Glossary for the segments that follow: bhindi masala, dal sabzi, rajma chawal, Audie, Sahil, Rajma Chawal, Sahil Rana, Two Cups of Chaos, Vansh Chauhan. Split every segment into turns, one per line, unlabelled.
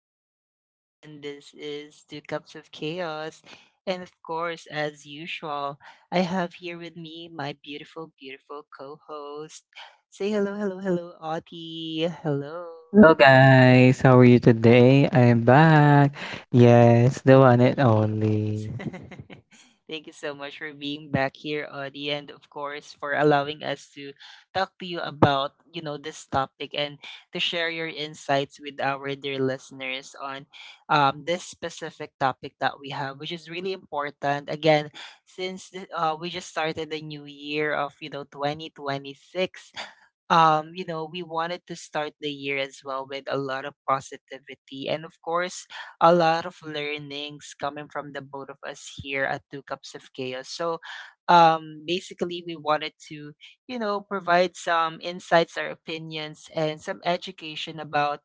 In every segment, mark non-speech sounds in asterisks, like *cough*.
podcast. Once again, this is Two Cups of Chaos. And of course, as usual, I have here with me my beautiful, beautiful co host. Say hello, hello, hello, Audie. Hello.
Hello guys, how are you today? I am back. Yes, the one and
Yes.
only.
*laughs* Thank you so much for being back here, Audie, and of course for allowing us to talk to you about, you know, this topic and to share your insights with our dear listeners on this specific topic that we have, which is really important. Again, since we just started the new year of, you know, 2026. You know, we wanted to start the year as well with a lot of positivity. And of course, a lot of learnings coming from the both of us here at Two Cups of Chaos. So, basically, we wanted to, you know, provide some insights, our opinions, and some education about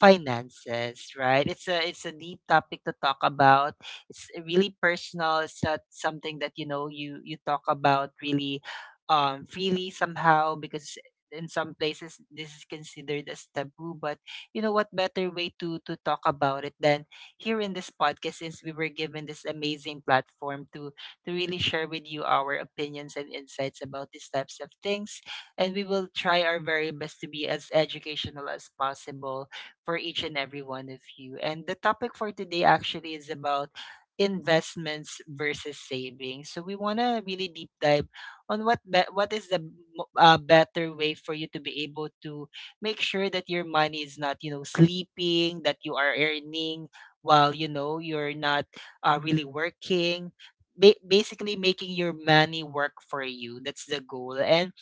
finances. Right? It's a deep topic to talk about. It's really personal. It's not something that you know you talk about really freely somehow, because in some places this is considered as taboo. But you know what better way to talk about it than here in this podcast, since we were given this amazing platform to really share with you our opinions and insights about these types of things. And we will try our very best to be as educational as possible for each and every one of you. And the topic for today actually is about investments versus savings. So we want to really deep dive on what is the better way for you to be able to make sure that your money is not, you know, sleeping, that you are earning while you know you're not really working, basically making your money work for you. That's the goal. And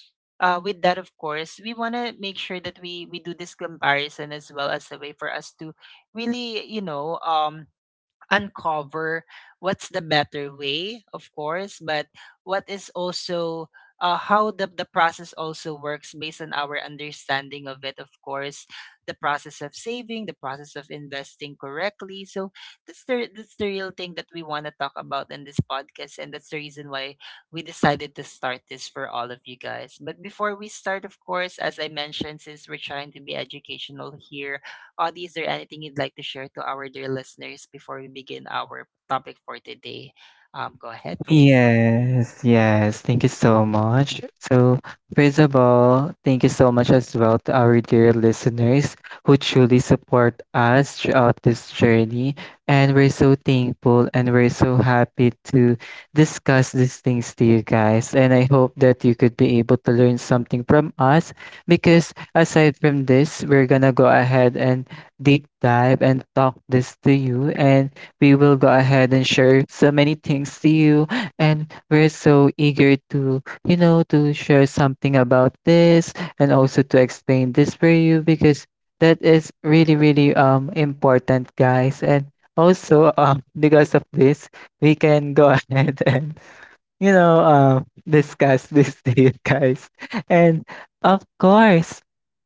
with that, of course, we want to make sure that we do this comparison as well, as a way for us to really, you know, uncover what's the better way, of course, but what is also, how the process also works, based on our understanding of it, of course, the process of saving, the process of investing correctly. So that's the real thing that we want to talk about in this podcast, and that's the reason why we decided to start this for all of you guys. But before we start, of course, as I mentioned, since we're trying to be educational here, Audie, is there anything you'd like to share to our dear listeners before we begin our topic for today? Go ahead, please.
Yes, yes. Thank you so much. So, first of all, thank you so much as well to our dear listeners who truly support us throughout this journey. And we're so thankful and we're so happy to discuss these things to you guys. And I hope that you could be able to learn something from us because aside from this, we're gonna go ahead and deep dive and talk this to you. And we will go ahead and share so many things to you and we're so eager to, to share something about this and also to explain this for you because that is really, really important, guys. And also, *laughs* because of this, we can go *laughs* ahead and, discuss this *laughs* to you guys. And of course,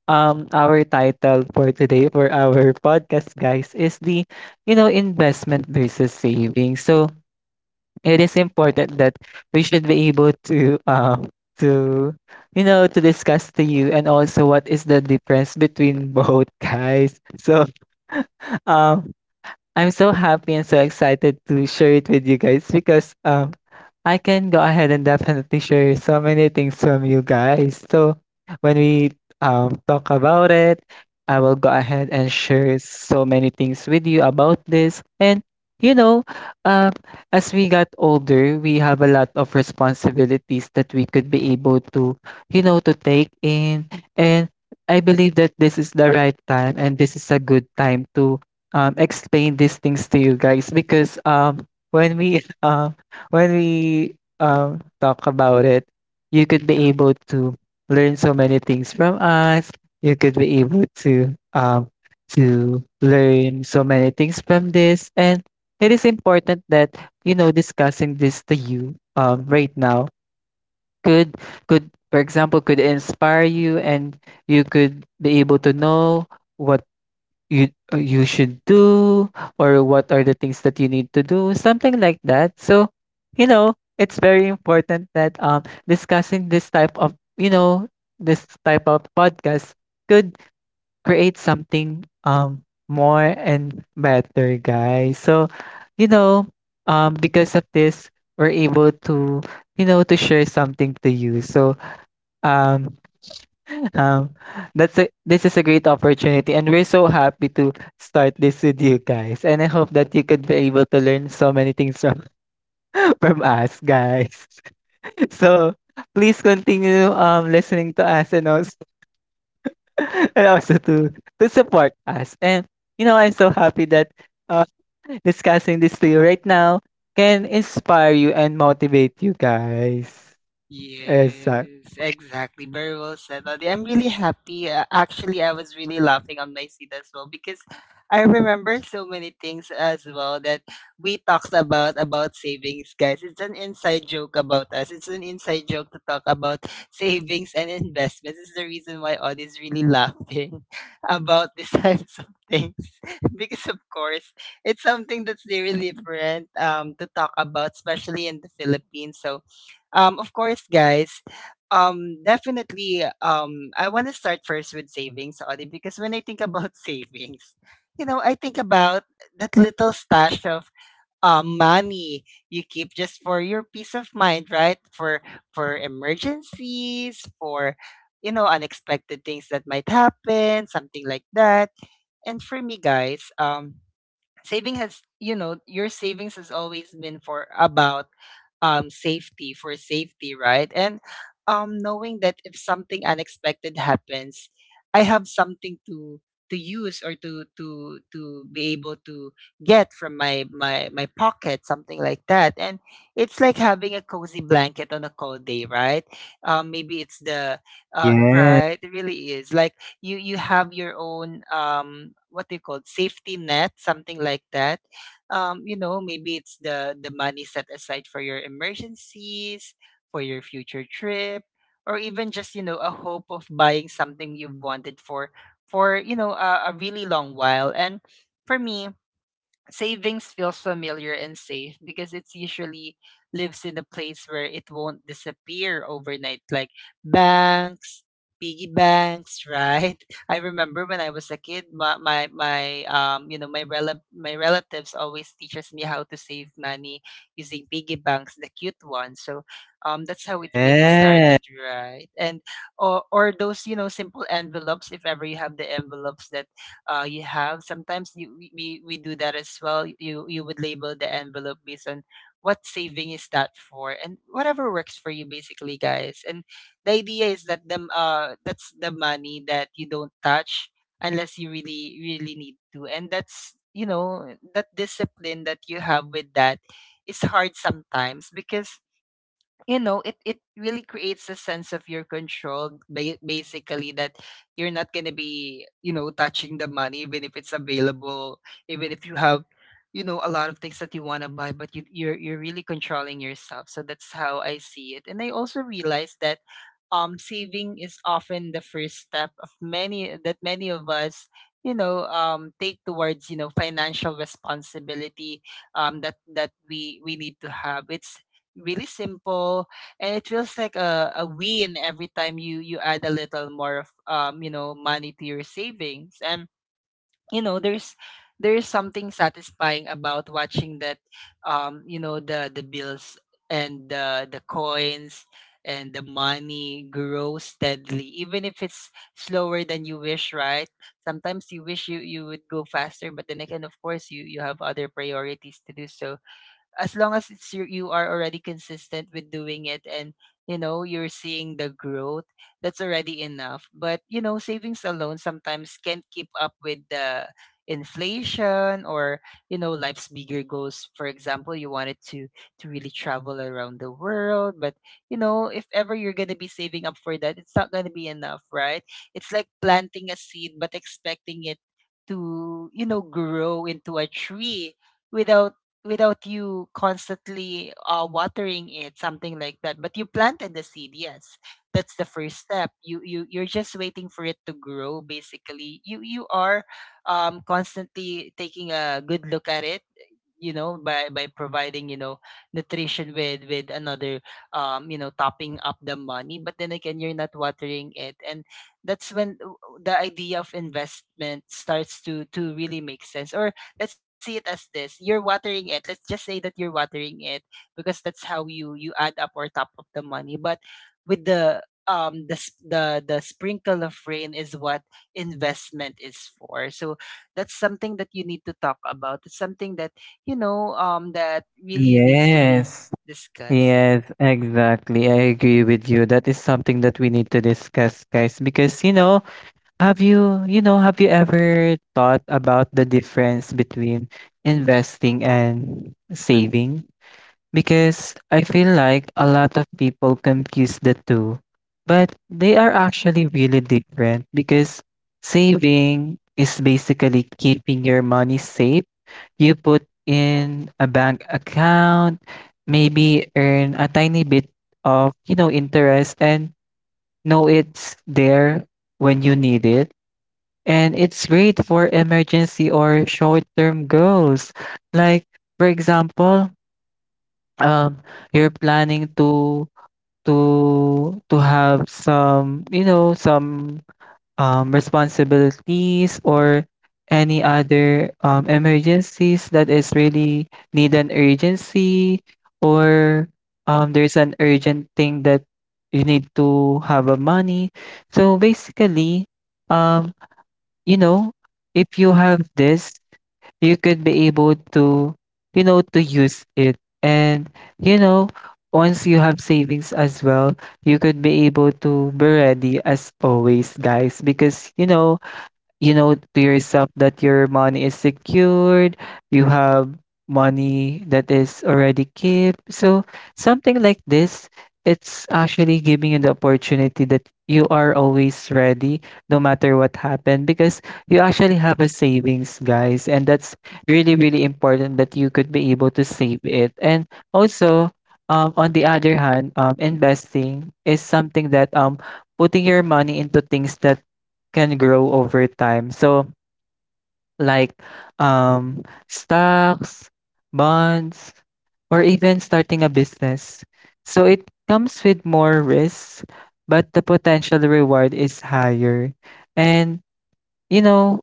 our title for today for our podcast, guys, is the investment versus saving. So, it is important that we should be able to to to discuss to you and also what is the difference between both guys. So um I'm so happy and so excited to share it with you guys because I can go ahead and definitely share so many things from you guys. So when we talk about it, I will go ahead and share so many things with you about this. And you know, um as we got older, we have a lot of responsibilities that we could be able to, you know, to take in. And I believe that this is the right time and this is a good time to explain these things to you guys because when we *laughs* when we talk about it, you could be able to learn so many things from us. You could be able to learn so many things from this. And it is important that, you know, discussing this to you right now could, for example, could inspire you, and you could be able to know what you you should do or what are the things that you need to do, something like that. So you know it's very important that, discussing this type of, you know, this type of podcast could create something more and better, guys. So you know, because of this, we're able to, you know, to share something to you. So um um, this is a great opportunity, and we're so happy to start this with you guys. And I hope that you could be able to learn so many things from, *laughs* from us, guys. *laughs* So please continue listening to us and also *laughs* and also to support us. And you know, I'm so happy that uh, *laughs* discussing this to you right now can inspire you and motivate you guys. Exactly.
Yes, exactly. Very well said, Audie. I'm really happy. Actually, I was really laughing on my seat as well, because I remember so many things as well that we talked about savings, guys. It's an inside joke about us. It's an inside joke to talk about savings and investments. It's the reason why Odd is really laughing *laughs* about these types of things *laughs* because, of course, it's something that's really different to talk about, especially in the Philippines. So of course, guys. Definitely. I want to start first with savings, Audie, because when I think about *laughs* savings, you know, I think about that little stash of money you keep just for your peace of mind, right? For emergencies, for, you know, unexpected things that might happen, something like that. And for me, guys, saving has, you know, your savings has always been for about safety, for safety, right? And knowing that if something unexpected happens, I have something to use, or to be able to get from my pocket, something like that. And it's like having a cozy blanket on a cold day, right? Maybe it's the
Yeah.
right, it really is like you have your own, what do you call it, safety net, something like that. You know, maybe it's the money set aside for your emergencies, for your future trip, or even just, you know, a hope of buying something you've wanted for, you know, a really long while. And for me, savings feels familiar and safe because it's usually lives in a place where it won't disappear overnight, like banks, piggy banks, right? *laughs* I remember when I was a kid, my you know, my my relatives always teaches me how to save money using piggy banks, the cute ones. So that's how it really
Yeah.
started, right? And or those, you know, simple envelopes, if ever you have the envelopes that you have. Sometimes you, we do that as well. You would label the envelope based on what saving is that for, and whatever works for you, basically, guys. And the idea is that the that's the money that you don't touch unless you really really need to, and that's, you know, that discipline that you have with that is hard sometimes because, you know, it really creates a sense of your control, basically, that you're not going to be, you know, touching the money even if it's available, even if you have, you know, a lot of things that you want to buy. But you're really controlling yourself. So that's how I see it. And I also realized that, saving is often the first step of many, that many of us, you know, take towards, you know, financial responsibility, that that we need to have. It's really simple, and it feels like a win every time you add a little more of, you know, money to your savings. And you know there's something satisfying about watching that, you know, the bills and the coins and the money grow steadily, even if it's slower than you wish, right? Sometimes you wish you would go faster, but then again, of course, you have other priorities to do. So as long as it's, you are already consistent with doing it, and you know you're seeing the growth, that's already enough. But you know, savings alone sometimes can't keep up with the inflation, or you know, life's bigger goals. For example, you wanted to really travel around the world, but you know, if ever you're going to be saving up for that, it's not going to be enough, right? It's like planting a seed but expecting it to, you know, grow into a tree without, without you constantly watering it, something like that. But you planted the seed, yes. That's the first step. You're just waiting for it to grow. Basically, you are constantly taking a good look at it, you know, by providing, you know, nutrition with another, you know, topping up the money. But then again, you're not watering it. And that's when the idea of investment starts to really make sense. Or let's see it as this: you're watering it, let's just say that you're watering it, because that's how you add up or top up the money, but with the, the the sprinkle of rain is what investment is for. So that's something that you need to talk about. It's something that, you know, that really needs to be
Yes.
discussed.
Yes, exactly. I agree with you. That is something that we need to discuss, guys, because you know, have you, you know, have you ever thought about the difference between investing and saving? Because I feel like a lot of people confuse the two, but they are actually really different because saving is basically keeping your money safe. You put in a bank account, maybe earn a tiny bit of, you know, interest and know it's there when you need it. And it's great for emergency or short-term goals. Like, for example, um, you're planning to to have some, you know, some responsibilities or any other emergencies that is really need an urgency, or there's an urgent thing that you need to have a money. So basically, um, you know, if you have this you could be able to, you know, to use it. And, you know, once you have savings as well, you could be able to be ready as always, guys. Because, you know to yourself that your money is secured. You have money that is already kept, so something like this, it's actually giving you the opportunity that you are always ready no matter what happened, because you actually have a savings, guys. And that's really really important that you could be able to save it. And also, on the other hand, investing is something that, putting your money into things that can grow over time. So, like, um, stocks, bonds, or even starting a business. So, it comes with more risks, but the potential reward is higher. And, you know,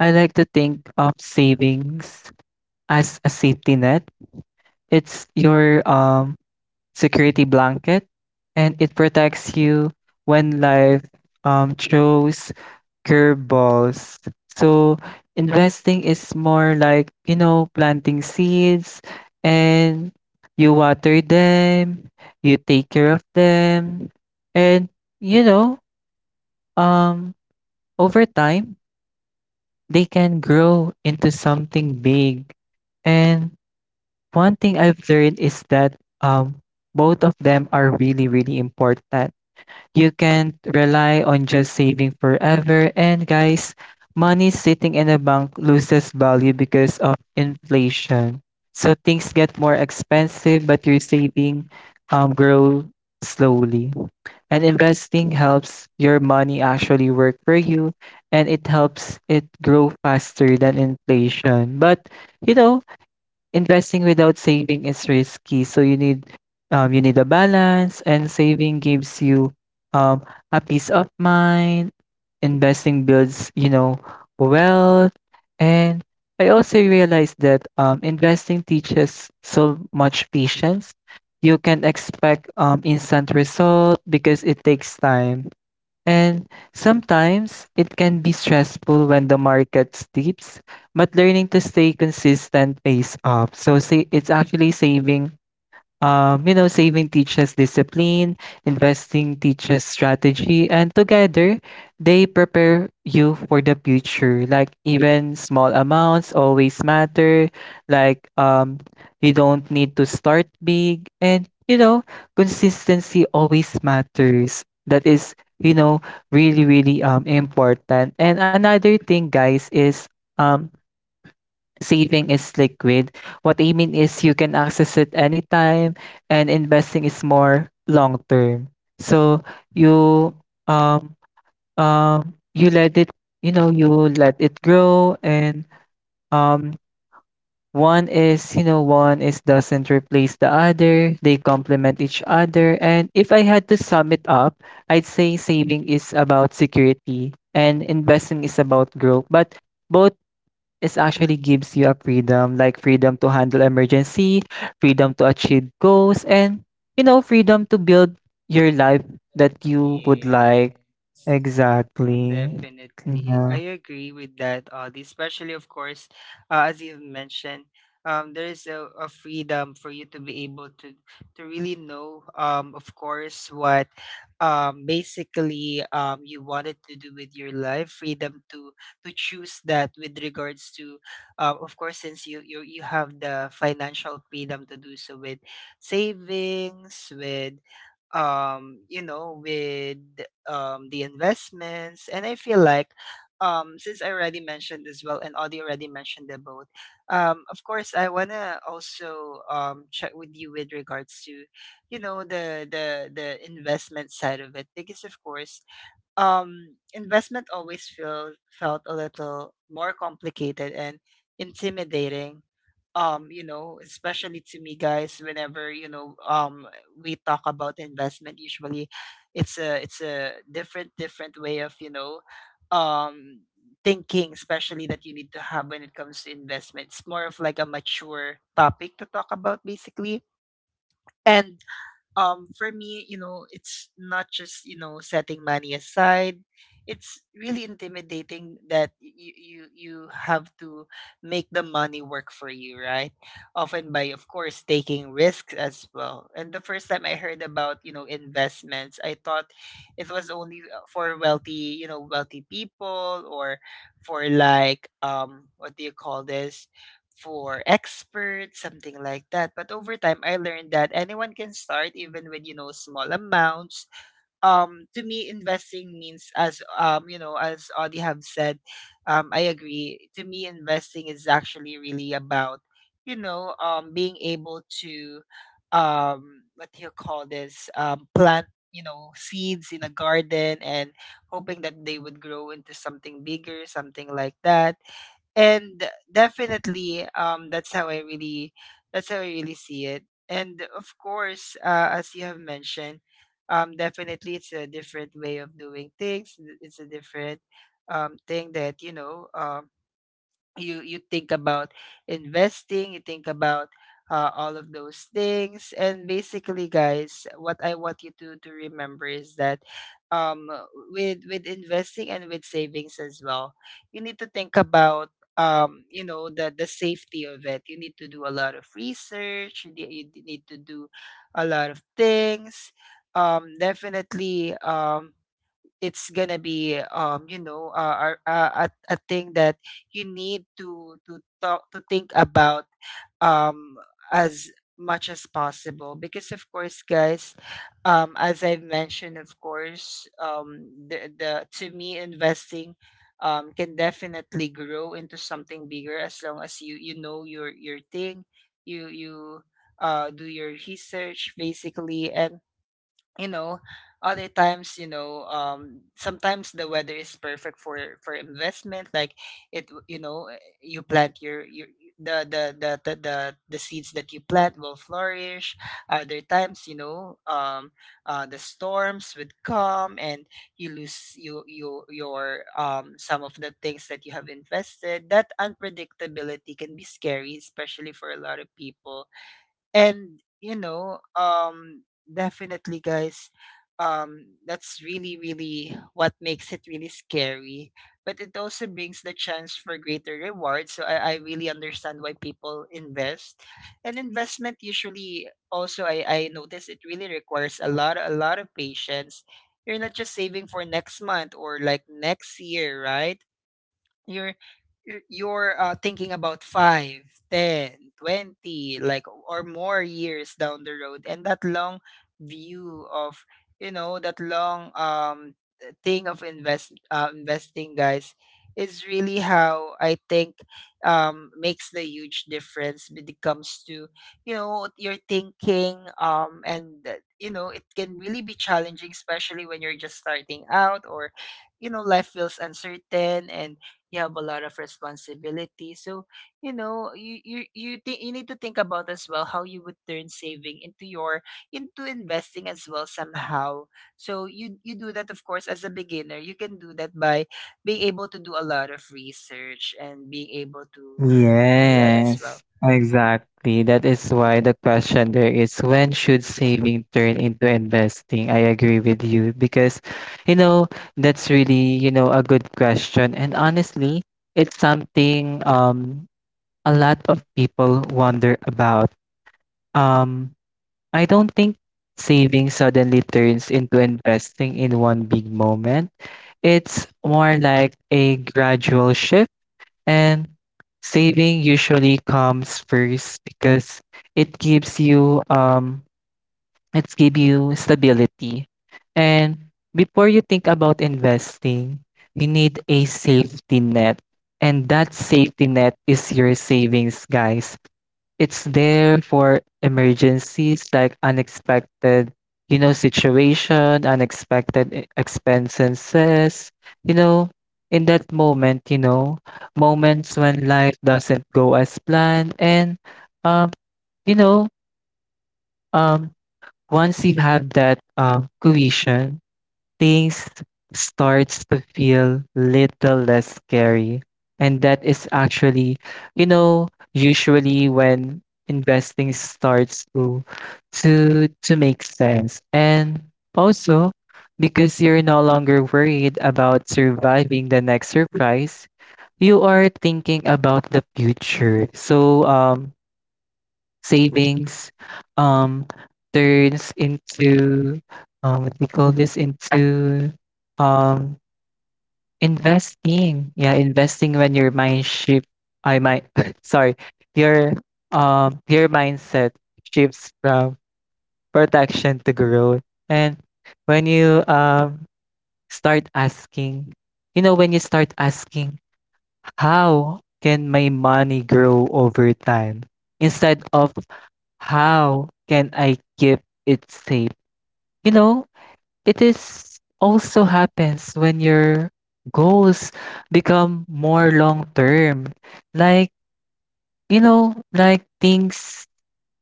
I like to think of savings as a safety net. It's your security blanket, and it protects you when life throws curveballs. So investing is more like, you know, planting seeds, and you water them, you take care of them, and you know, um over time they can grow into something big. And one thing I've learned is that both of them are really really important. You can't rely on just saving forever. And guys, money sitting in a bank loses value because of inflation. So things get more expensive, but your saving grow slowly. And investing helps your money actually work for you, and it helps it grow faster than inflation. But you know, investing without saving is risky. So you need a balance, and saving gives you um, a peace of mind. Investing builds, you know, wealth. And I also realized that, investing teaches so much patience. You can expect instant result because it takes time. And sometimes it can be stressful when the market steeps, but learning to stay consistent pays off. So say it's actually saving. You know, saving teaches discipline, investing teaches strategy, and together they prepare you for the future. Like even small amounts always matter. Like, you don't need to start big, and you know, consistency always matters. That is, you know, really really important. And another thing, guys, is um saving is liquid. What I mean is you can access it anytime, and investing is more long term. So you um you let it, you know, you let it grow. And um one is, doesn't replace the other. They complement each other. And if I had to sum it up, I'd say saving is about security and investing is about growth. But both, this actually gives you a freedom, like freedom to handle emergency, freedom to achieve goals, and you know, freedom to build your life that you would like.
Yes.
Exactly.
Definitely.
Yeah.
I agree with that, Audie, especially of course, as you've mentioned, there is a freedom for you to be able to really know, of course, what basically you wanted to do with your life. Freedom to choose that with regards to, of course, since you have the financial freedom to do so with savings, with um you know with the investments. And I feel like, since I already mentioned as well, and Audie already mentioned them both. Of course, I want to also check with you with regards to, the investment side of it. Because of course, investment always feel felt a little more complicated and intimidating. You know, especially to me, guys. Whenever we talk about investment, usually it's a different way of, um thinking, especially that you need to have when it comes to investment. It's more of like a mature topic to talk about basically. And for me, it's not just, setting money aside. It's really intimidating that you have to make the money work for you, right? Often by, of course, taking risks as well. And the first time I heard about, investments, I thought it was only, for wealthy you know wealthy people, or for like, what do you call this, for experts, something like that. But over time, I learned that anyone can start, even with, small amounts. To me, investing means, as as Audie have said. I agree. To me, investing is actually really about, being able to, what do you call this, plant, seeds in a garden, and hoping that they would grow into something bigger, something like that. And definitely, that's how I really see it. And of course, as you have mentioned, definitely it's a different way of doing things. It's a different, thing that, you think about. Investing, you think about, all of those things. And basically, guys, what I want you to remember is that, um with investing, and with savings as well, you need to think about, the safety of it. You need to do a lot of research. You need to do a lot of things. Definitely, it's gonna be, a thing that you need to think about, um as much as possible. Because of course, guys, as I've mentioned, of course, the to me, investing, can definitely grow into something bigger, as long as you you know your thing, you do your research basically. And, you know other times, sometimes the weather is perfect for investment, like, it w- you know you plant your the seeds that you plant will flourish. Other times, the storms would come, and you lose, you your some of the things that you have invested. That unpredictability can be scary, especially for a lot of people. And, definitely, guys, that's really, really what makes it really scary. But it also brings the chance for greater rewards. So I really understand why people invest. And investment usually also, I notice, it really requires a lot of patience. You're not just saving for next month, or like next year, right? You're you're you're, uh, thinking about 5, 10, 20, like, or more years down the road. And that long view of, that long, thing of, investing, guys, is really how I think, makes the huge difference when it comes to, your thinking. And that, it can really be challenging, especially when you're just starting out, or, life feels uncertain, and you have a lot of responsibility. So, you need to think about as well, how you would turn saving into your, into investing as well, somehow. So you do that, of course. As a beginner, you can do that by being able to do a lot of research, and being able to do that as
Yes.
well.
Exactly. That is why the question there is, when should saving turn into investing? I agree with you because you know, that's really, you know, a good question. And honestly, it's something, um a lot of people wonder about. Um, I don't think saving suddenly turns into investing in one big moment. It's more like a gradual shift, and saving usually comes first because it gives you it's give you stability. And before you think about investing, you need a safety net. And that safety net is your savings, guys. It's there for emergencies like unexpected, you know, situation, unexpected e- expenses, you know, in that moment, you know, moments when life doesn't go as planned. And um, you know, um once you have that cohesion, things starts to feel little less scary. And that is actually, you know, usually when investing starts to to make sense. And also because you're no longer worried about surviving the next surprise, you are thinking about the future. So savings um turns into what we call this into um investing. Yeah, investing when your mind shift, I might *laughs* sorry, your your mindset shifts from protection to growth. And when you start asking, you know, when you start asking, how can my money grow over time? Instead of, how can I keep it safe? You know, it is also happens when your goals become more long term. Like, you know, like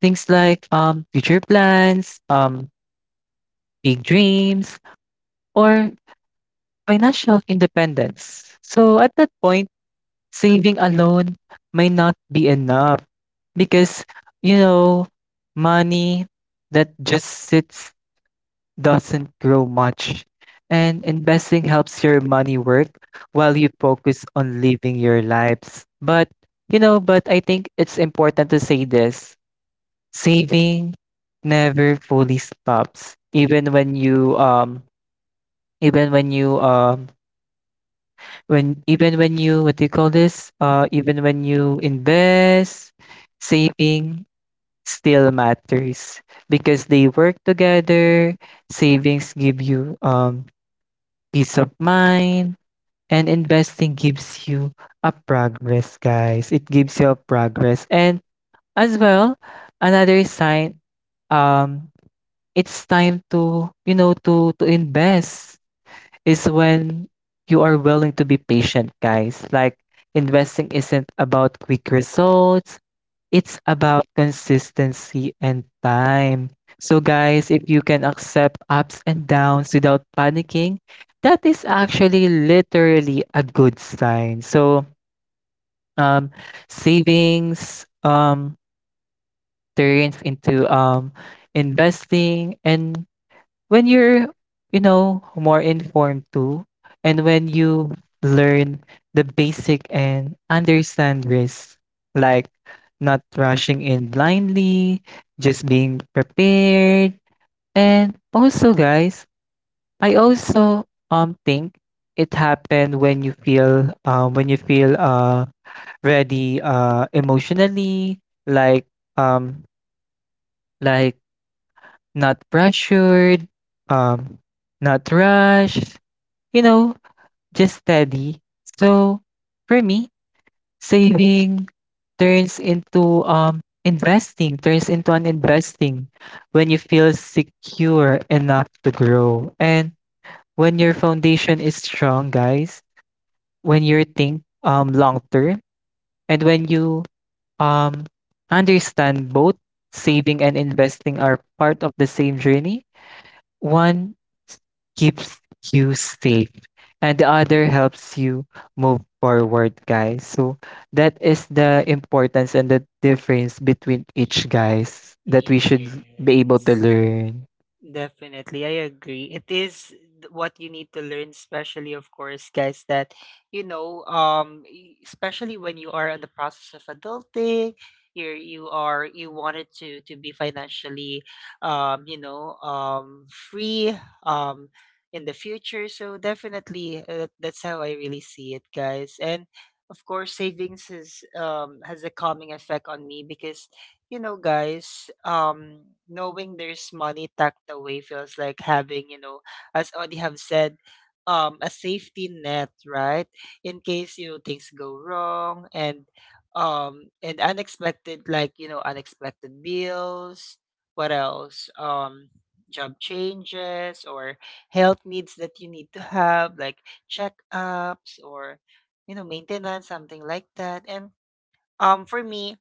things like future plans, big dreams or financial independence. So at that point, saving alone may not be enough because you know, money that just sits doesn't grow much. And investing helps your money work while you focus on living your lives. But, you know, but I think it's important to say this, saving never fully stops, even when you when even when you, what do you call this even when you invest, saving still matters because they work together. Savings give you peace of mind. And investing gives you a progress, guys. It gives you a progress. And as well, another sign, um, it's time to, you know, to invest is when you are willing to be patient, guys. Like investing isn't about quick results. It's about consistency and time. So, guys, if you can accept ups and downs without panicking, that is actually literally a good sign. Um, savings turns into investing, and when you're more informed too and when you learn the basic and understand risks, like not rushing in blindly, just being prepared. And also, guys, I also think it happened when you feel ready, emotionally. Like um like not pressured, um not rushed. You know, just steady. So for me, saving turns into investing, turns into an investing when you feel secure enough to grow. And when your foundation is strong, guys, when you think long term, and when you um understand both saving and investing are part of the same journey, one keeps you safe and the other helps you move forward, guys. So that is the importance and the difference between each, guys, that we should be able to
Yes.
learn.
Definitely, I agree. It is, what you need to learn, especially of course, guys. That, especially when you are in the process of adulting, you wanted, to be financially, free, um, in the future. So definitely, that's how I really see it, guys. And of course, savings, has a calming effect on me. Because, guys, knowing there's money tucked away feels like having, you know, as Audie have said, a safety net, right? In case, things go wrong, and, unexpected, like, unexpected bills. What else? Job changes, or health needs that you need to have, like checkups, or, maintenance, something like that. And, for me,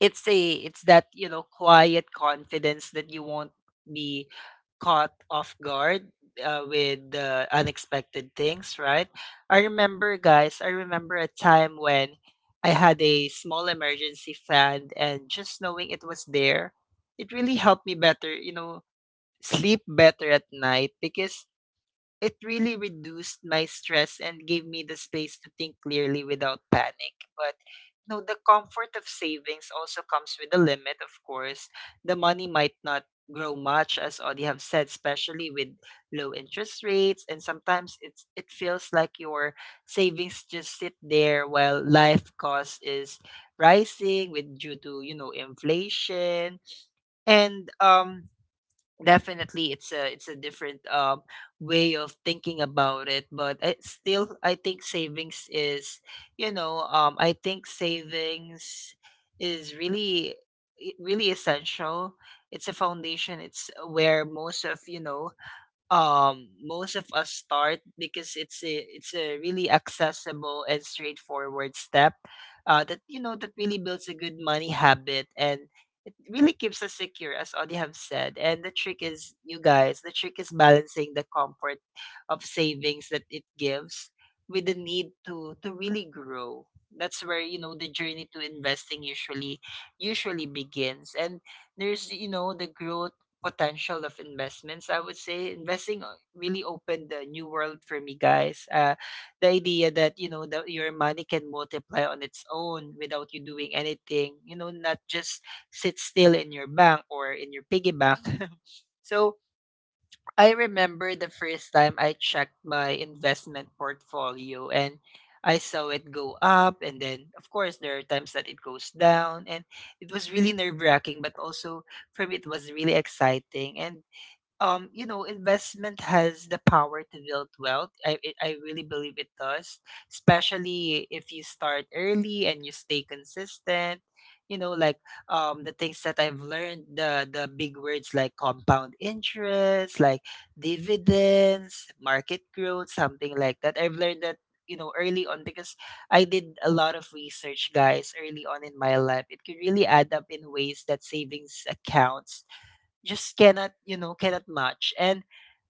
it's that, quiet confidence that you won't be caught off guard, with the unexpected things, right? I remember a time when I had a small emergency fund, and just knowing it was there, it really helped me better, sleep better at night. Because it really reduced my stress and gave me the space to think clearly without panic. But, the comfort of savings also comes with a limit, of course. The money might not grow much, as Audie have said, especially with low interest rates. And sometimes it feels like your savings just sit there, while life cost is rising with due to, you know, inflation. And, definitely, it's a different, way of thinking about it. But I think savings is, I think savings is really, really essential. It's a foundation. It's where most of, most of us start. Because it's a really accessible and straightforward step, that, that really builds a good money habit, and it really keeps us secure, as Audie have said. And the trick is, you guys, the trick is balancing the comfort of savings that it gives, with the need to really grow. That's where, the journey to investing usually begins. And there's, the growth potential of investments. I would say investing, really opened the new world for me, guys. The idea that, that your money can multiply on its own, without you doing anything. Not just sit still in your bank, or in your piggy bank. *laughs* So I remember the first time I checked my investment portfolio, and I saw it go up. And then of course there are times that it goes down, and it was really nerve wracking. But also for me, it was really exciting. And, investment has the power to build wealth. I really believe it does, especially if you start early and you stay consistent. Like, the things that I've learned, the big words like compound interest, like dividends, market growth, something like that. I've learned that, early on. Because I did a lot of research, guys, early on in my life. It could really add up in ways that savings accounts just cannot, you know, cannot match. And,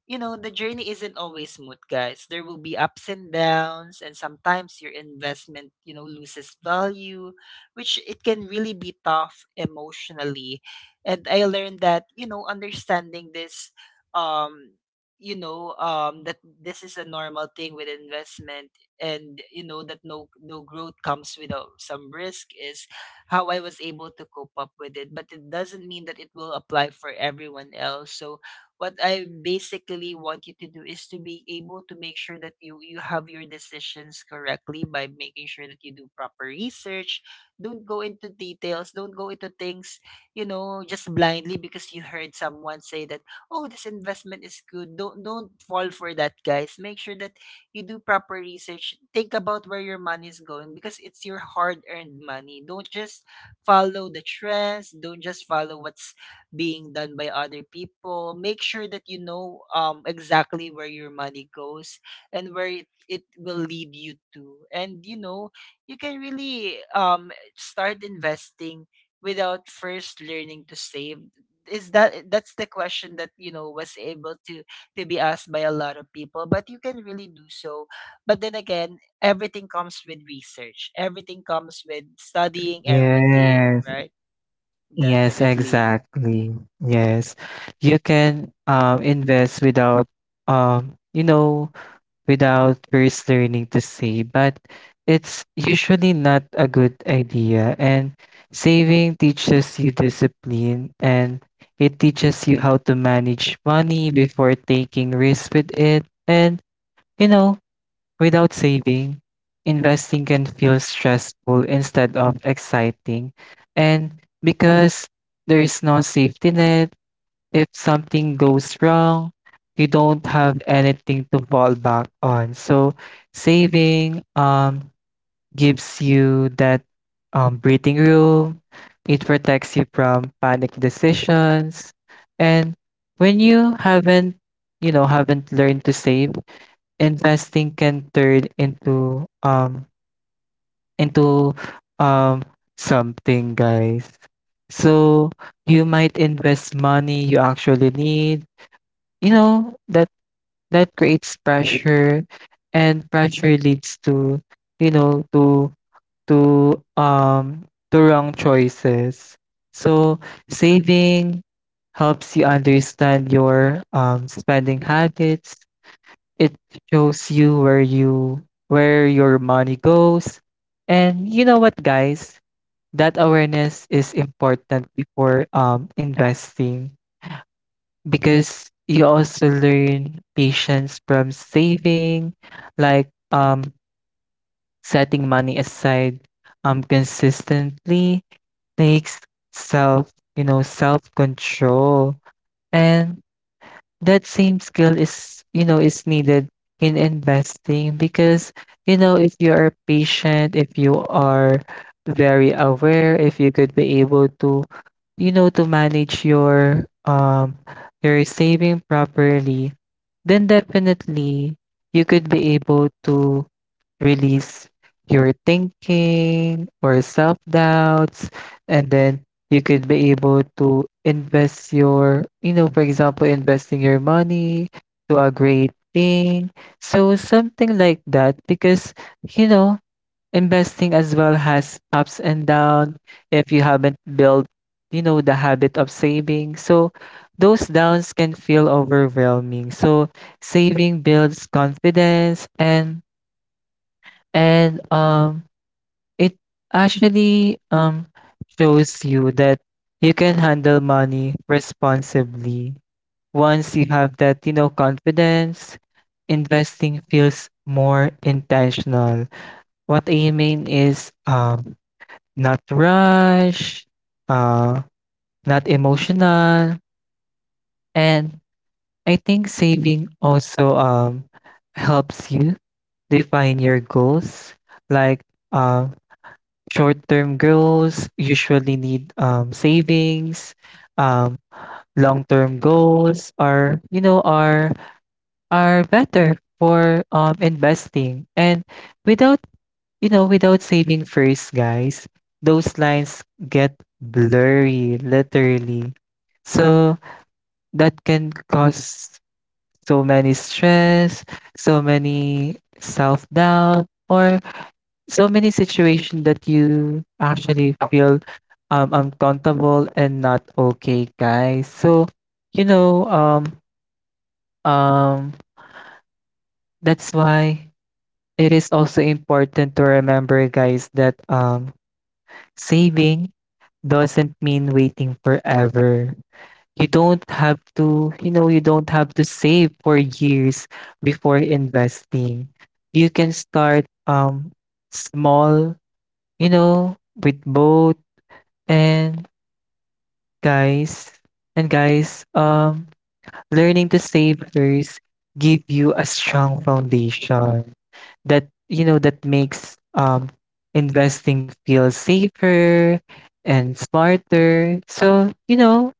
the journey isn't always smooth, guys. There will be ups and downs, and sometimes your investment, loses value, which it can really be tough emotionally. And I learned that, understanding this, um, that this is a normal thing with investment, and, that no growth comes without some risk, is how I was able to cope up with it. But it doesn't mean that it will apply for everyone else. So what I basically want you to do is to be able to make sure that you have your decisions correctly, by making sure that you do proper research. Don't go into details. Don't go into things, just blindly, because you heard someone say that, oh, this investment is good. Don't fall for that, guys. Make sure that you do proper research. Think about where your money is going, because it's your hard earned money. Don't just follow the trends. Don't just follow what's being done by other people. Make sure that you know, exactly where your money goes, and where it will lead you to. And, you can really, start investing without first learning to save. Is that That's the question that, was able to be asked by a lot of people. But you can really do so. But then again, everything comes with research. Everything comes with studying everything,
yes
right?
yes
Definitely.
exactly. Yes, you can invest without, um you know without first learning to save, but it's usually not a good idea. And saving teaches you discipline, and it teaches you how to manage money before taking risks with it. And, you know, without saving, investing can feel stressful instead of exciting. And because there is no safety net, if something goes wrong, you don't have anything to fall back on. So saving gives you that breathing room. It protects you from panic decisions. And when you haven't, you know, haven't learned to save, investing can turn into um something, guys. So you might invest money you actually need, you know, that that creates pressure, and pressure leads to, you know, to to um to wrong choices. So saving helps you understand your spending habits. It shows you where your money goes. And you know what, guys, that awareness is important before investing, because you also learn patience from saving. Like, setting money aside consistently takes self, you know, self-control. And that same skill is, you know, is needed in investing because, you know, if you are patient, if you are very aware, if you could be able to, you know, to manage your saving properly, then definitely you could be able to release your thinking or self doubts, and then you could be able to invest your, you know, for example, investing your money to a great thing. So something like that, because, you know, investing as well has ups and downs. If you haven't built, you know, the habit of saving, so those downs can feel overwhelming. So saving builds confidence, and and um it actually shows you that you can handle money responsibly. Once you have that, you know, confidence, investing feels more intentional. What I mean is, not rush, uh not emotional. And I think saving also helps you define your goals. Like, um short-term goals usually need, savings. Um, long-term goals are, you know, are better for, investing. And without, you know, without saving first, guys, those lines get blurry, literally. So that can cause so many stress, so many self-doubt, or so many situations that you actually feel, uncomfortable and not okay, guys. So, you know, um, that's why it is also important to remember, guys, that, saving doesn't mean waiting forever. You don't have to, you know, you don't have to save for years before investing. You can start small, you know, with both. And guys, and guys, learning to save first give you a strong foundation that, you know, that makes investing feel safer and smarter. So, you know,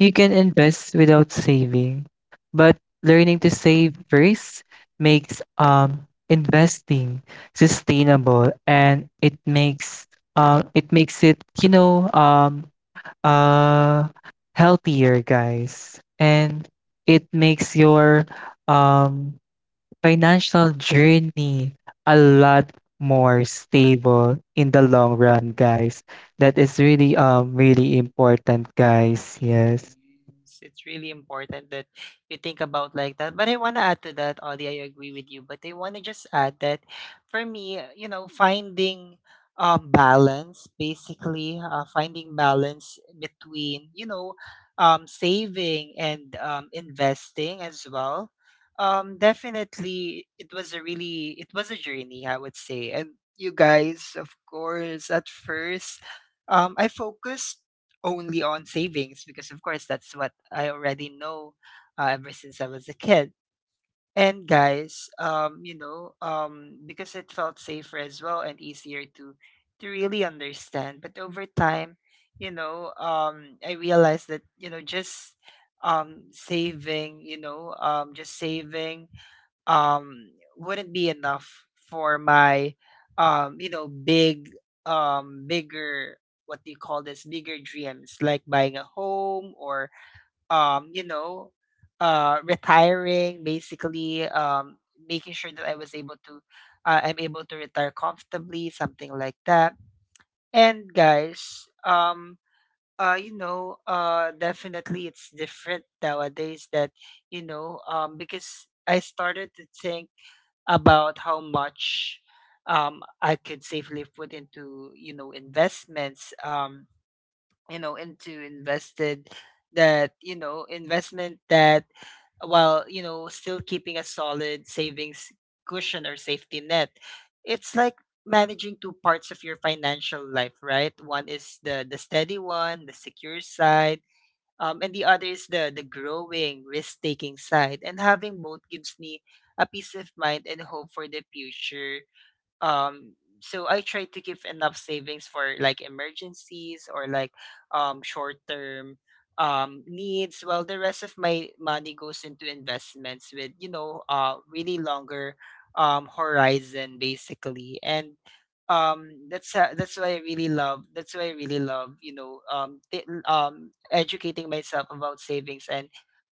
you can invest without saving. But learning to save first makes investing sustainable, and it makes it makes it, you know, uh healthier, guys. And it makes your um financial journey a lot more stable in the long run, guys. That is really really important, guys. yes
Yes, it's really important that you think about like that. But I want to add to that, Audie. I agree with you. But I want to just add that, for me, you know, finding, balance, basically, finding balance between, saving, and investing as well. Definitely, it was a journey, I would say. And you guys, of course, at first, I focused only on savings, because of course that's what I already know, ever since I was a kid. And guys, because it felt safer as well, and easier to really understand. But over time, I realized that just saving, just saving wouldn't be enough for my big bigger, what do you call this, bigger dreams like buying a home or um you know retiring basically, making sure that I'm able to retire comfortably, something like that. And guys, definitely it's different nowadays that, because I started to think about how much, I could safely put into, you know, investments, you know into invested that you know investment that, while still keeping a solid savings cushion or safety net. It's like managing two parts of your financial life, right? One is the steady one, the secure side, and the other is the growing, risk taking side. And having both gives me a peace of mind and hope for the future. Um so I try to give enough savings for like emergencies, or like short term needs, while the rest of my money goes into investments with really longer horizon basically. And that's why I really love, that's why I really love, educating myself about savings and,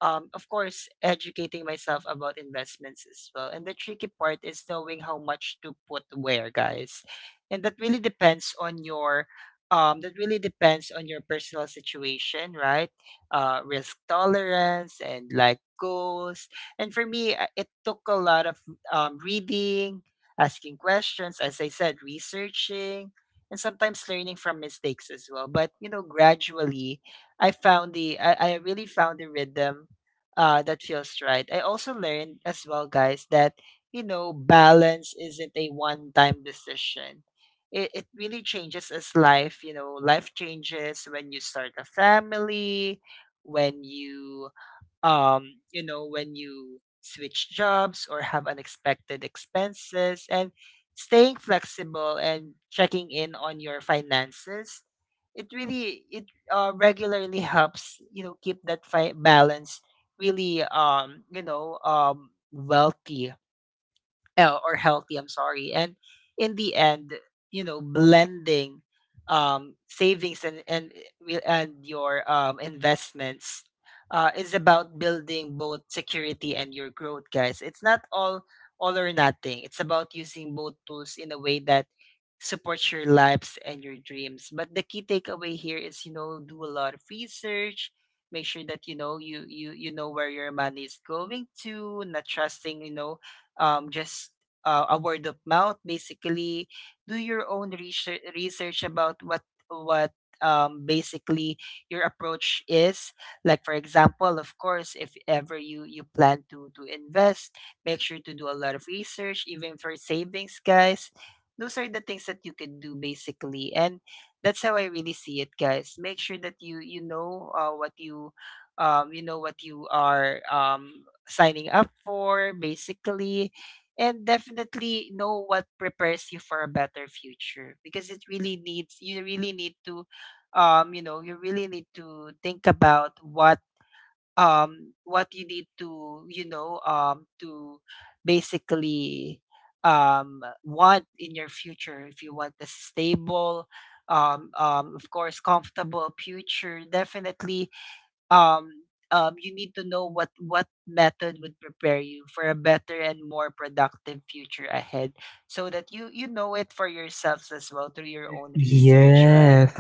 of course, educating myself about investments as well. And the tricky part is knowing how much to put where, guys. And that really depends on your, that really depends on your personal situation, right? Risk tolerance and like goals. And for me, it took a lot of reading, asking questions, as I said, researching. And sometimes learning from mistakes as well. But you know, gradually, I really found the rhythm that feels right. I also learned as well, guys, that you know balance isn't a one-time decision. It really changes as life. You know, life changes when you start a family, when you, when you switch jobs or have unexpected expenses. And staying flexible and checking in on your finances, it really it regularly helps you know keep that balance really wealthy, or healthy, I'm sorry. And in the end, you know, blending, savings and, and your, investments, is about building both security and your growth, guys. It's not all, all or nothing. It's about using both tools in a way that supports your lives and your dreams. But the key takeaway here is, you know, do a lot of research. Make sure that you know where your money is going to, not trusting, you know, just a word of mouth basically. Do your own research, research about what, basically, your approach is. Like for example, of course, if ever you plan to invest, make sure to do a lot of research, even for savings, guys. Those are the things that you can do basically. And that's how I really see it, guys. Make sure that what you, you know what you are, signing up for, basically, and definitely know what prepares you for a better future, because it really needs, you really need to, you really need to think about what, what you need to, basically, want in your future. If you want a stable, of course, comfortable future, definitely, um you need to know what method would prepare you for a better and more productive future ahead, so that you know it for yourselves as well through your own research, right?
Yes,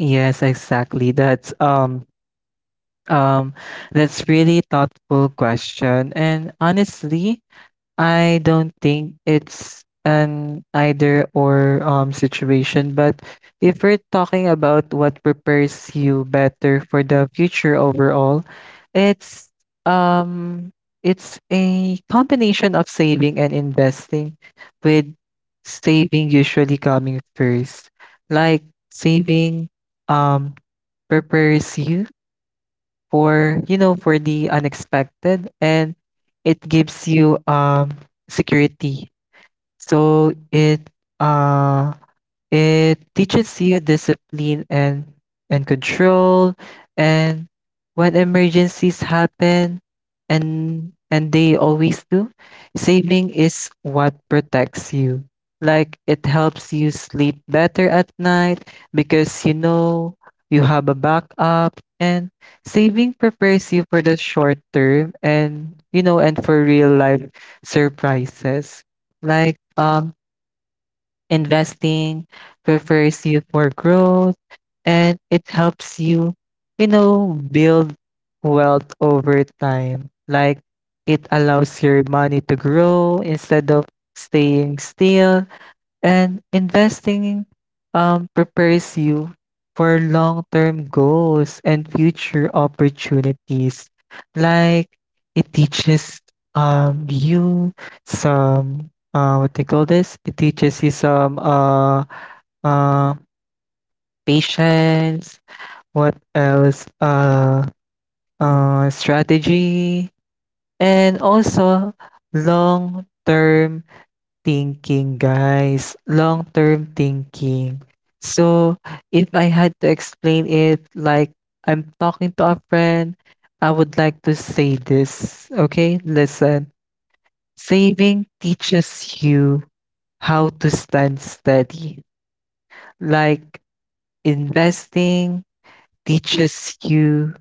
yes, exactly. Um that's really thoughtful question. And honestly, I don't think it's an either or situation, but if we're talking about what prepares you better for the future overall, it's um it's a combination of saving and investing, with saving usually coming first. Like, saving um prepares you for, you know, for the unexpected, and it gives you security. So uh it teaches you discipline, and control. And when emergencies happen, and they always do, saving is what protects you. Like, it helps you sleep better at night because you know you have a backup. And saving prepares you for the short term, and you know, and for real life surprises. Like um Investing prepares you for growth, and it helps you, you know, build wealth over time. Like, it allows your money to grow instead of staying still. And investing, prepares you for long term goals and future opportunities. Like, it teaches, you some, what they call this? It teaches you some, uh, patience, what else? Strategy, and also long term thinking, guys. Long-term thinking. So, if I had to explain it like I'm talking to a friend, I would like to say this. Okay, listen. Saving teaches you how to stand steady. Like, investing teaches you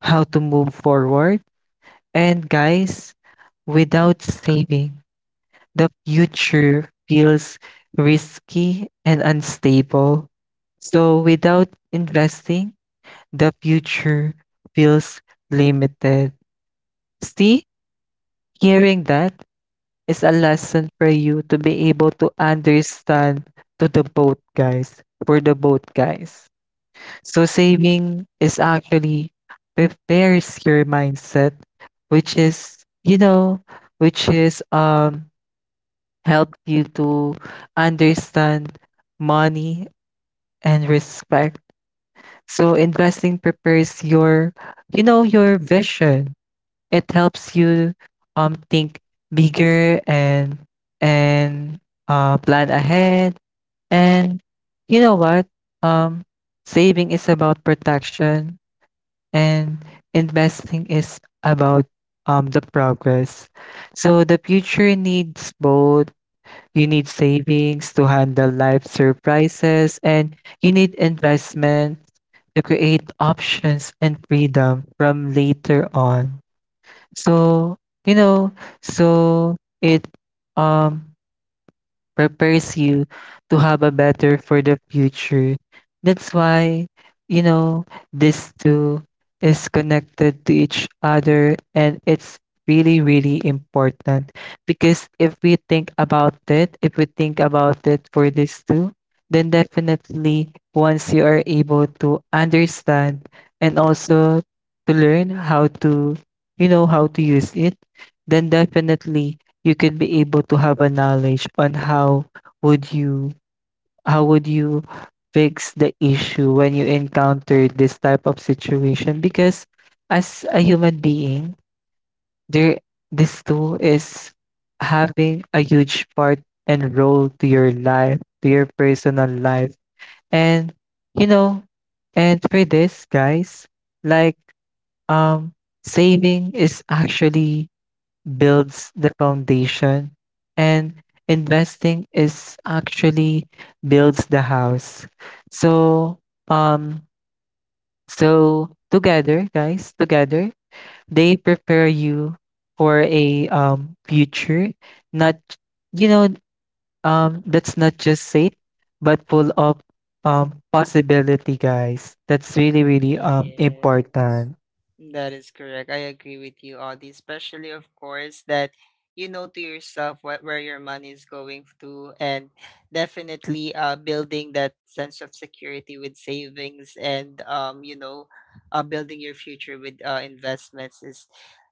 how to move forward. And guys, without saving, the future feels risky and unstable. So without investing, the future feels limited. See, hearing that is a lesson for you to be able to understand to the boat guys, for the boat guys. So saving is actually prepares your mindset, which is, you know, which is helped you to understand money and respect. So investing prepares your, you know, your vision. It helps you think bigger, and and plan ahead. And you know what? Um Saving is about protection, and investing is about the progress. So the future needs both. You need savings to handle life surprises, and you need investment to create options and freedom from later on. So, you know, so it um prepares you to have a better for the future. That's why, you know, this two is connected to each other, and it's really, really important. Because if we think about it, if we think about it for these two, then definitely once you are able to understand and also to learn how to, you know, how to use it, then definitely you could be able to have a knowledge on would you how would you fix the issue when you encounter this type of situation, because as a human being, there this tool is having a huge part and role to your life, to your personal life. And, you know, and for this, guys, like, um saving is actually builds the foundation, and investing is actually builds the house. So um so together, guys, together they prepare you for a future, not, you know, that's not just safe, but full of possibility, guys. That's really really
Yes.
important.
That is correct. I agree with you, Audie. Especially, of course, that you know to yourself what, where your money is going to, and definitely, building that sense of security with savings, and, you know, building your future with, investments is,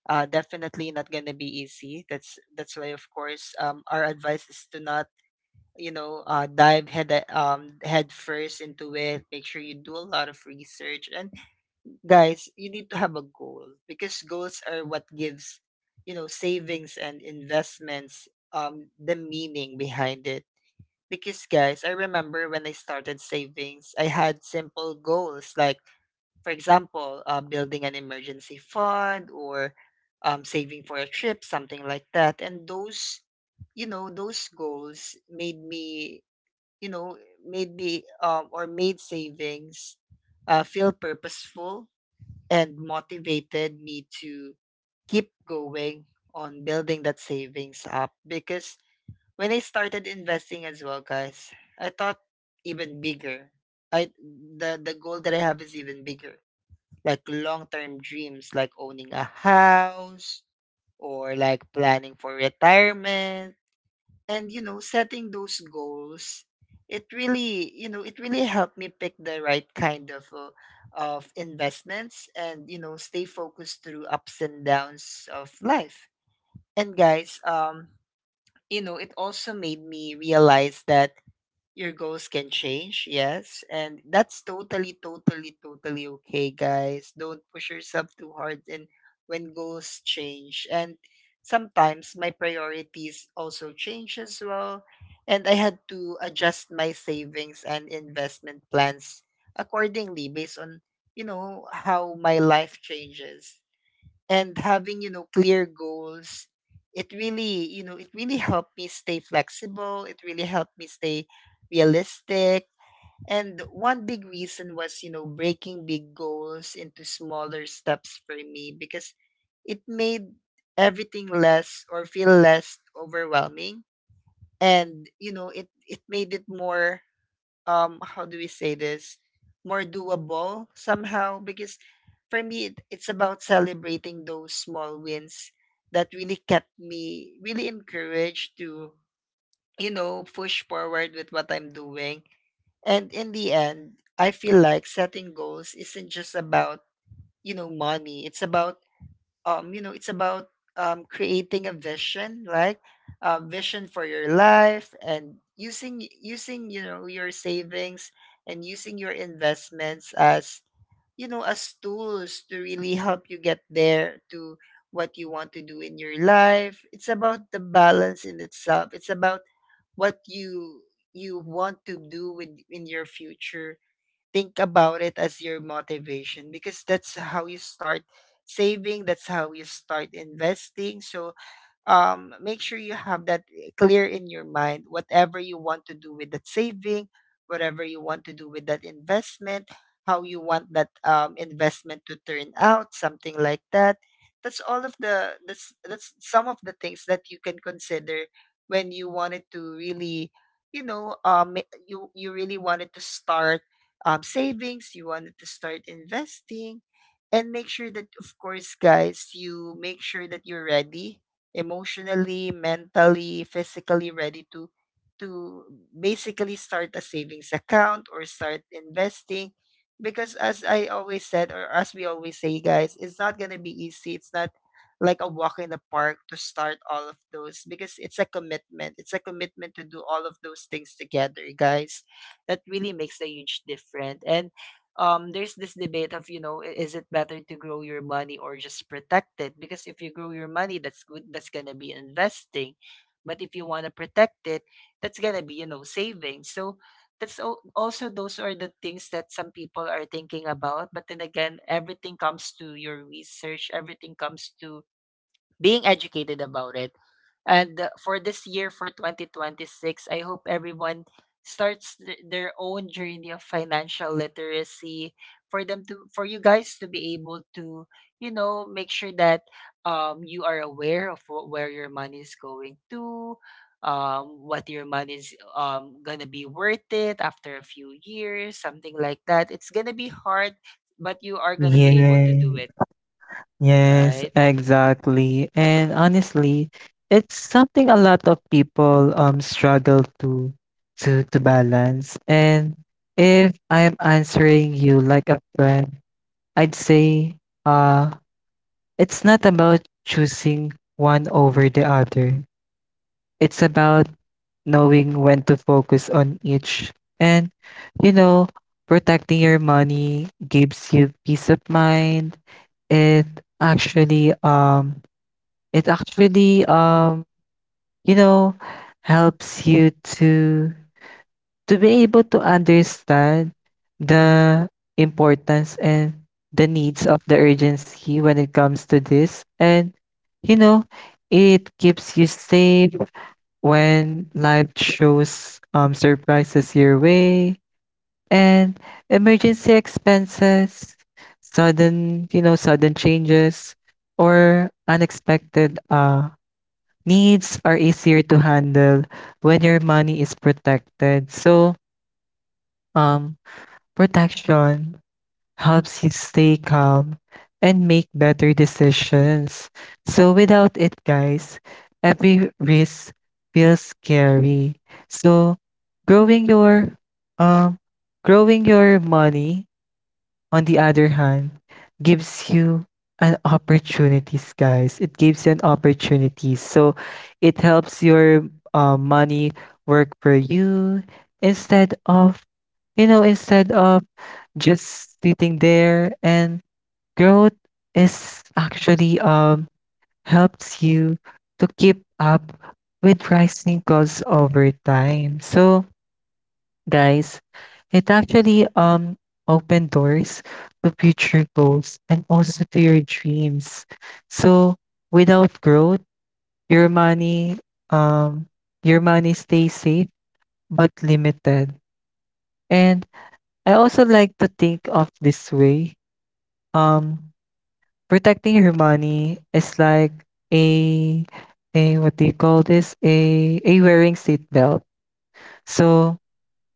definitely not going to be easy. That's why, of course, our advice is to not, you know, dive head first into it. Make sure you do a lot of research. And guys, you need to have a goal, because goals are what gives, you know, savings and investments the meaning behind it. Because guys, I remember when I started savings, I had simple goals, like for example, building an emergency fund, or saving for a trip, something like that. And those, you know, those goals made me, you know, made me, or made savings, feel purposeful and motivated me to keep going on building that savings up. Because when I started investing as well, guys, I thought even bigger. I the goal that I have is even bigger. Like long-term dreams like owning a house, or like planning for retirement. And you know, setting those goals, it really, you know, it really helped me pick the right kind of, of investments, and you know, stay focused through ups and downs of life. And guys, you know, it also made me realize that your goals can change, yes. And that's totally, totally, totally okay, guys. Don't push yourself too hard and when goals change. And sometimes my priorities also change as well. And I had to adjust my savings and investment plans accordingly based on, you know, how my life changes. And having, you know, clear goals, it really, you know, it really helped me stay flexible, it really helped me stay realistic. And one big reason was, you know, breaking big goals into smaller steps for me, because it made everything less, or feel less overwhelming. And you know, it made it more, how do we say this, more doable somehow. Because for me, it's about celebrating those small wins that really kept me really encouraged to, you know, push forward with what I'm doing. And in the end, I feel like setting goals isn't just about, you know, money. It's about, you know, it's about, creating a vision, like a vision for your life, and using you know your savings, and using your investments as, you know, as tools to really help you get there to what you want to do in your life. It's about the balance in itself. It's about what you want to do with in your future. Think about it as your motivation, because that's how you start saving, that's how you start investing. So make sure you have that, eh, clear in your mind, whatever you want to do with that saving, whatever you want to do with that investment, how you want that, investment to turn out, something like that. That's some of the things that you can consider when you wanted to really, you know, you, you really wanted to start, savings, you wanted to start investing. And make sure that of course, guys, you make sure that you're ready emotionally, mentally, physically ready to basically start a savings account or start investing. Because as I always said, or as we always say, guys, it's not going to be easy. It's not like a walk in the park to start all of those, because it's a commitment. It's a commitment to do all of those things together, guys. That really makes a huge difference. And there's this debate of, you know, is it better to grow your money or just protect it? Because if you grow your money, that's good, that's going to be investing. But if you want to protect it, that's going to be, you know, saving. So also, those are the things that some people are thinking about. But then again, everything comes to your research, everything comes to being educated about it. And for this year, for 2026, I hope everyone starts their own journey of financial literacy, for them to, for you guys to be able to, you know, make sure that you are aware of where your money is going to, what your money is gonna be worth it after a few years, something like that. It's gonna be hard, but you are gonna be able
Yeah.
to do it,
Yes,
right?
exactly. And honestly, it's something a lot of people struggle to balance. And if I'm answering you like a friend, I'd say, uh it's not about choosing one over the other. It's about knowing when to focus on each. And you know, protecting your money gives you peace of mind. It actually um it actually, you know, helps you to to be able to understand the importance and the needs of the urgency when it comes to this. And you know, it keeps you safe when life shows surprises your way. And emergency expenses, sudden, you know, sudden changes, or unexpected needs are easier to handle when your money is protected. So, um, protection helps you stay calm and make better decisions. So, without it, guys, every risk feels scary. So, growing your, um, money on the other hand, gives you an opportunities, guys. It gives you an opportunities. So it helps your, money work for you instead of, you know, instead of just sitting there. And growth is actually helps you to keep up with rising costs over time. So guys, it actually opened doors to future goals, and also to your dreams. So without growth, your money um your money stays safe but limited. And I also like to think of this way. Um Protecting your money is like a a what do you call this? A wearing seatbelt. So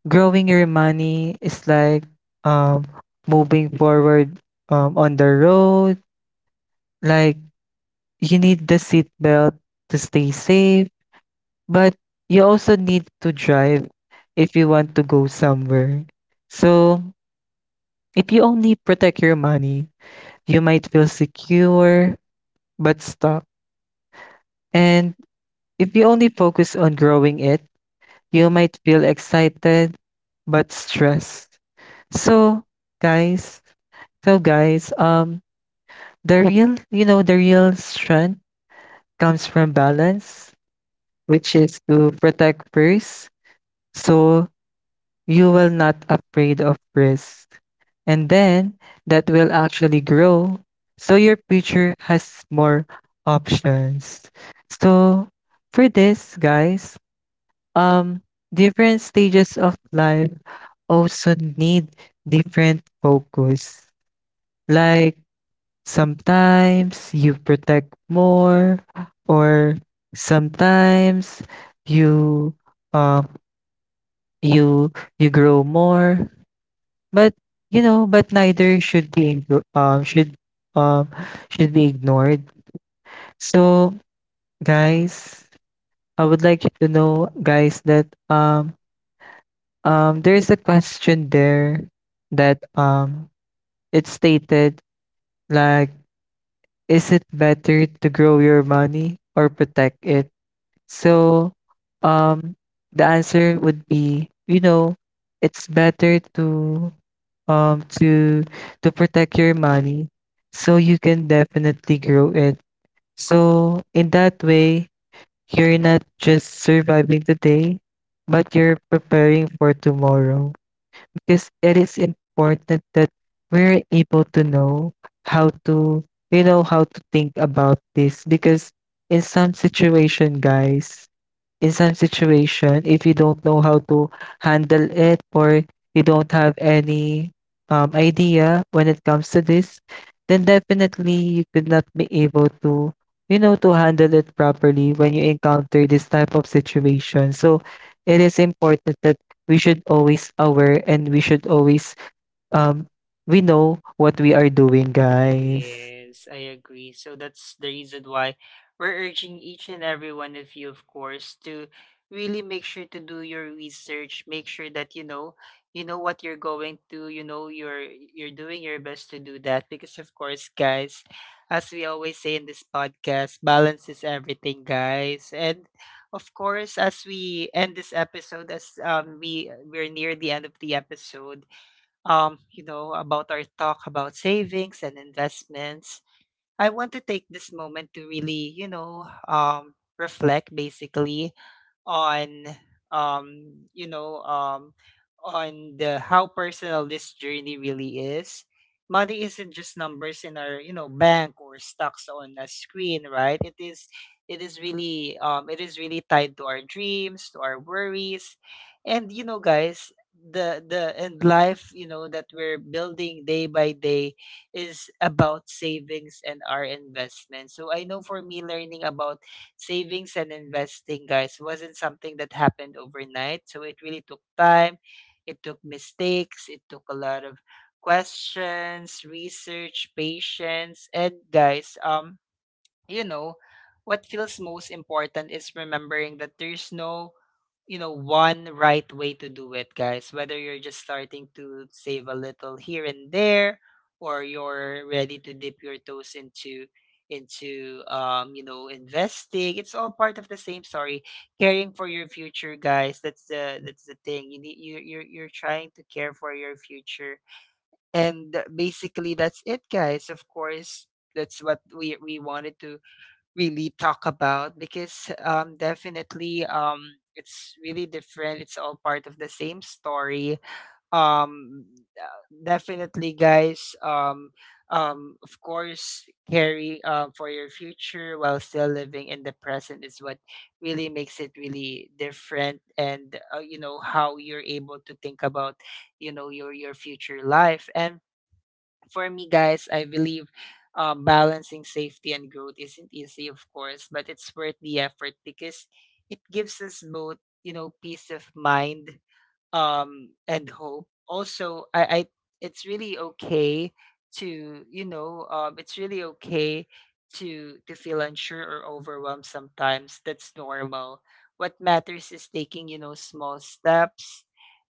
growing your money is like um moving forward on the road. Like, you need the seatbelt to stay safe, but you also need to drive if you want to go somewhere. So if you only protect your money, you might feel secure but stuck. And if you only focus on growing it, you might feel excited but stressed. So guys So guys, um the real, you know, the real strength comes from balance, which is to protect first, so you will not afraid of risk. And then that will actually grow, so your future has more options. So for this, guys, um different stages of life also need different focus. Like, sometimes you protect more, or sometimes you um you you grow more. But you know, but neither should be um should be ignored. So guys, I would like you to know, guys, that there is a question there that it stated like, is it better to grow your money or protect it? So, um, the answer would be, you know, it's better to um to to protect your money so you can definitely grow it. So in that way, you're not just surviving today, but you're preparing for tomorrow. Because it is important that we're able to know how to, you know, how to think about this. Because in some situation, guys, in some situation if you don't know how to handle it, or you don't have any, idea when it comes to this, then definitely you could not be able to, you know, to handle it properly when you encounter this type of situation. So it is important that we should always aware, and we should always um we know what we are doing, guys.
Yes, I agree. So that's the reason why we're urging each and every one of you, of course, to really make sure to do your research, make sure that you know, you know what you're going to, you know you're doing your best to do that, because of course, guys, as we always say in this podcast, balance is everything, guys. And of course, as we end this episode, as we we're near the end of the episode, you know, about our talk about savings and investments. I want to take this moment to really, you know, reflect basically on, you know, on the how personal this journey really is. Money isn't just numbers in our, you know, bank or stocks on a screen, right? It is really, it is really tied to our dreams, to our worries, and guys, the and life, that we're building day by day is about savings and our investment. So I know for me, learning about savings and investing, guys, wasn't something that happened overnight. So it really took time, it took mistakes, it took a lot of questions, research, patience, and guys, you know, what feels most important is remembering that there's no one right way to do it, guys, whether you're just starting to save a little here and there, or you're ready to dip your toes into investing. It's all part of the same story, caring for your future, guys. That's the thing you need. You're trying to care for your future, and basically that's it, guys. Of course, that's what we wanted to really talk about, because definitely it's really different. It's all part of the same story. Um, Definitely, guys. Of course, carry for your future while still living in the present is what really makes it really different. And you know how you're able to think about, you know, your future life. And for me, guys, I believe balancing safety and growth isn't easy, of course, but it's worth the effort because it gives us both, you know, peace of mind and hope. Also, I, it's really okay to, it's really okay to feel unsure or overwhelmed sometimes. That's normal. What matters is taking, you know, small steps,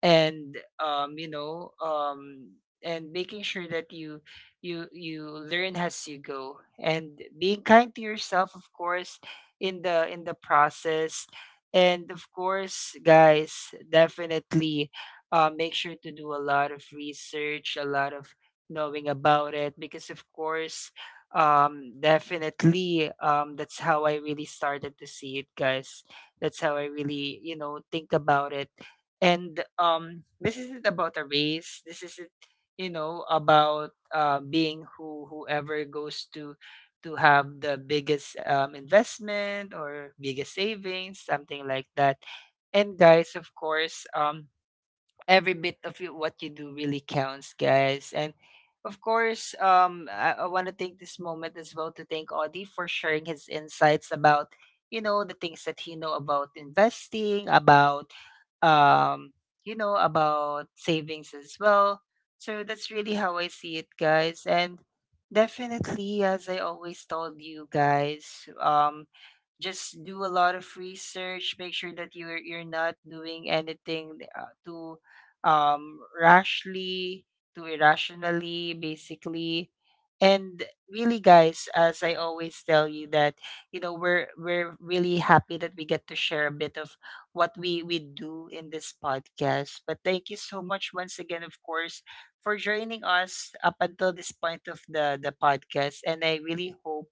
and um you know um and making sure that you learn as you go, and being kind to yourself, of course, in the process. And of course, guys, definitely, make sure to do a lot of research, a lot of knowing about it, because of course, definitely, that's how I really started to see it, guys. That's how I really, you know, think about it. And this isn't about a race. This isn't, you know, about being who, whoever goes to have the biggest investment or biggest savings, something like that. And guys, of course, every bit of you, what you do really counts, guys. And of course, I want to take this moment as well to thank Audie for sharing his insights about, you know, the things that he know about investing, about, um, you know, about savings as well. So that's really how I see it, guys. And definitely, as I always told you guys, just do a lot of research. Make sure that you're not doing anything to rashly, to irrationally, basically. And really, guys, as I always tell you that, you know, we're really happy that we get to share a bit of what we do in this podcast. But thank you so much once again, of course, for joining us up until this point of the podcast. And I really hope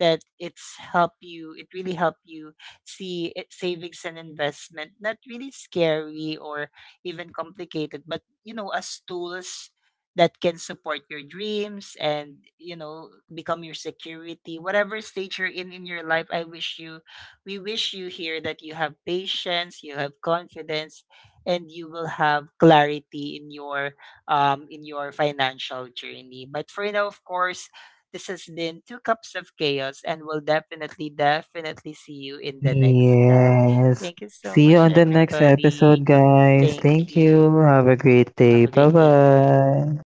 that it's help you. It really help you see it, savings and investment, not really scary or even complicated, but, you know, as tools that can support your dreams and, you know, become your security whatever stage you're in your life. I wish you, we wish you here, that you have patience, you have confidence, and you will have clarity in your financial journey. But for now, of course, this has been Two Cups of Chaos and we'll definitely see you in the next cup.
Yes.
Thank you so
See you
much,
on the next episode,
everybody.
guys.
Thank
Thank you.
you.
Have a great day.
Have a
Bye
great day.
bye.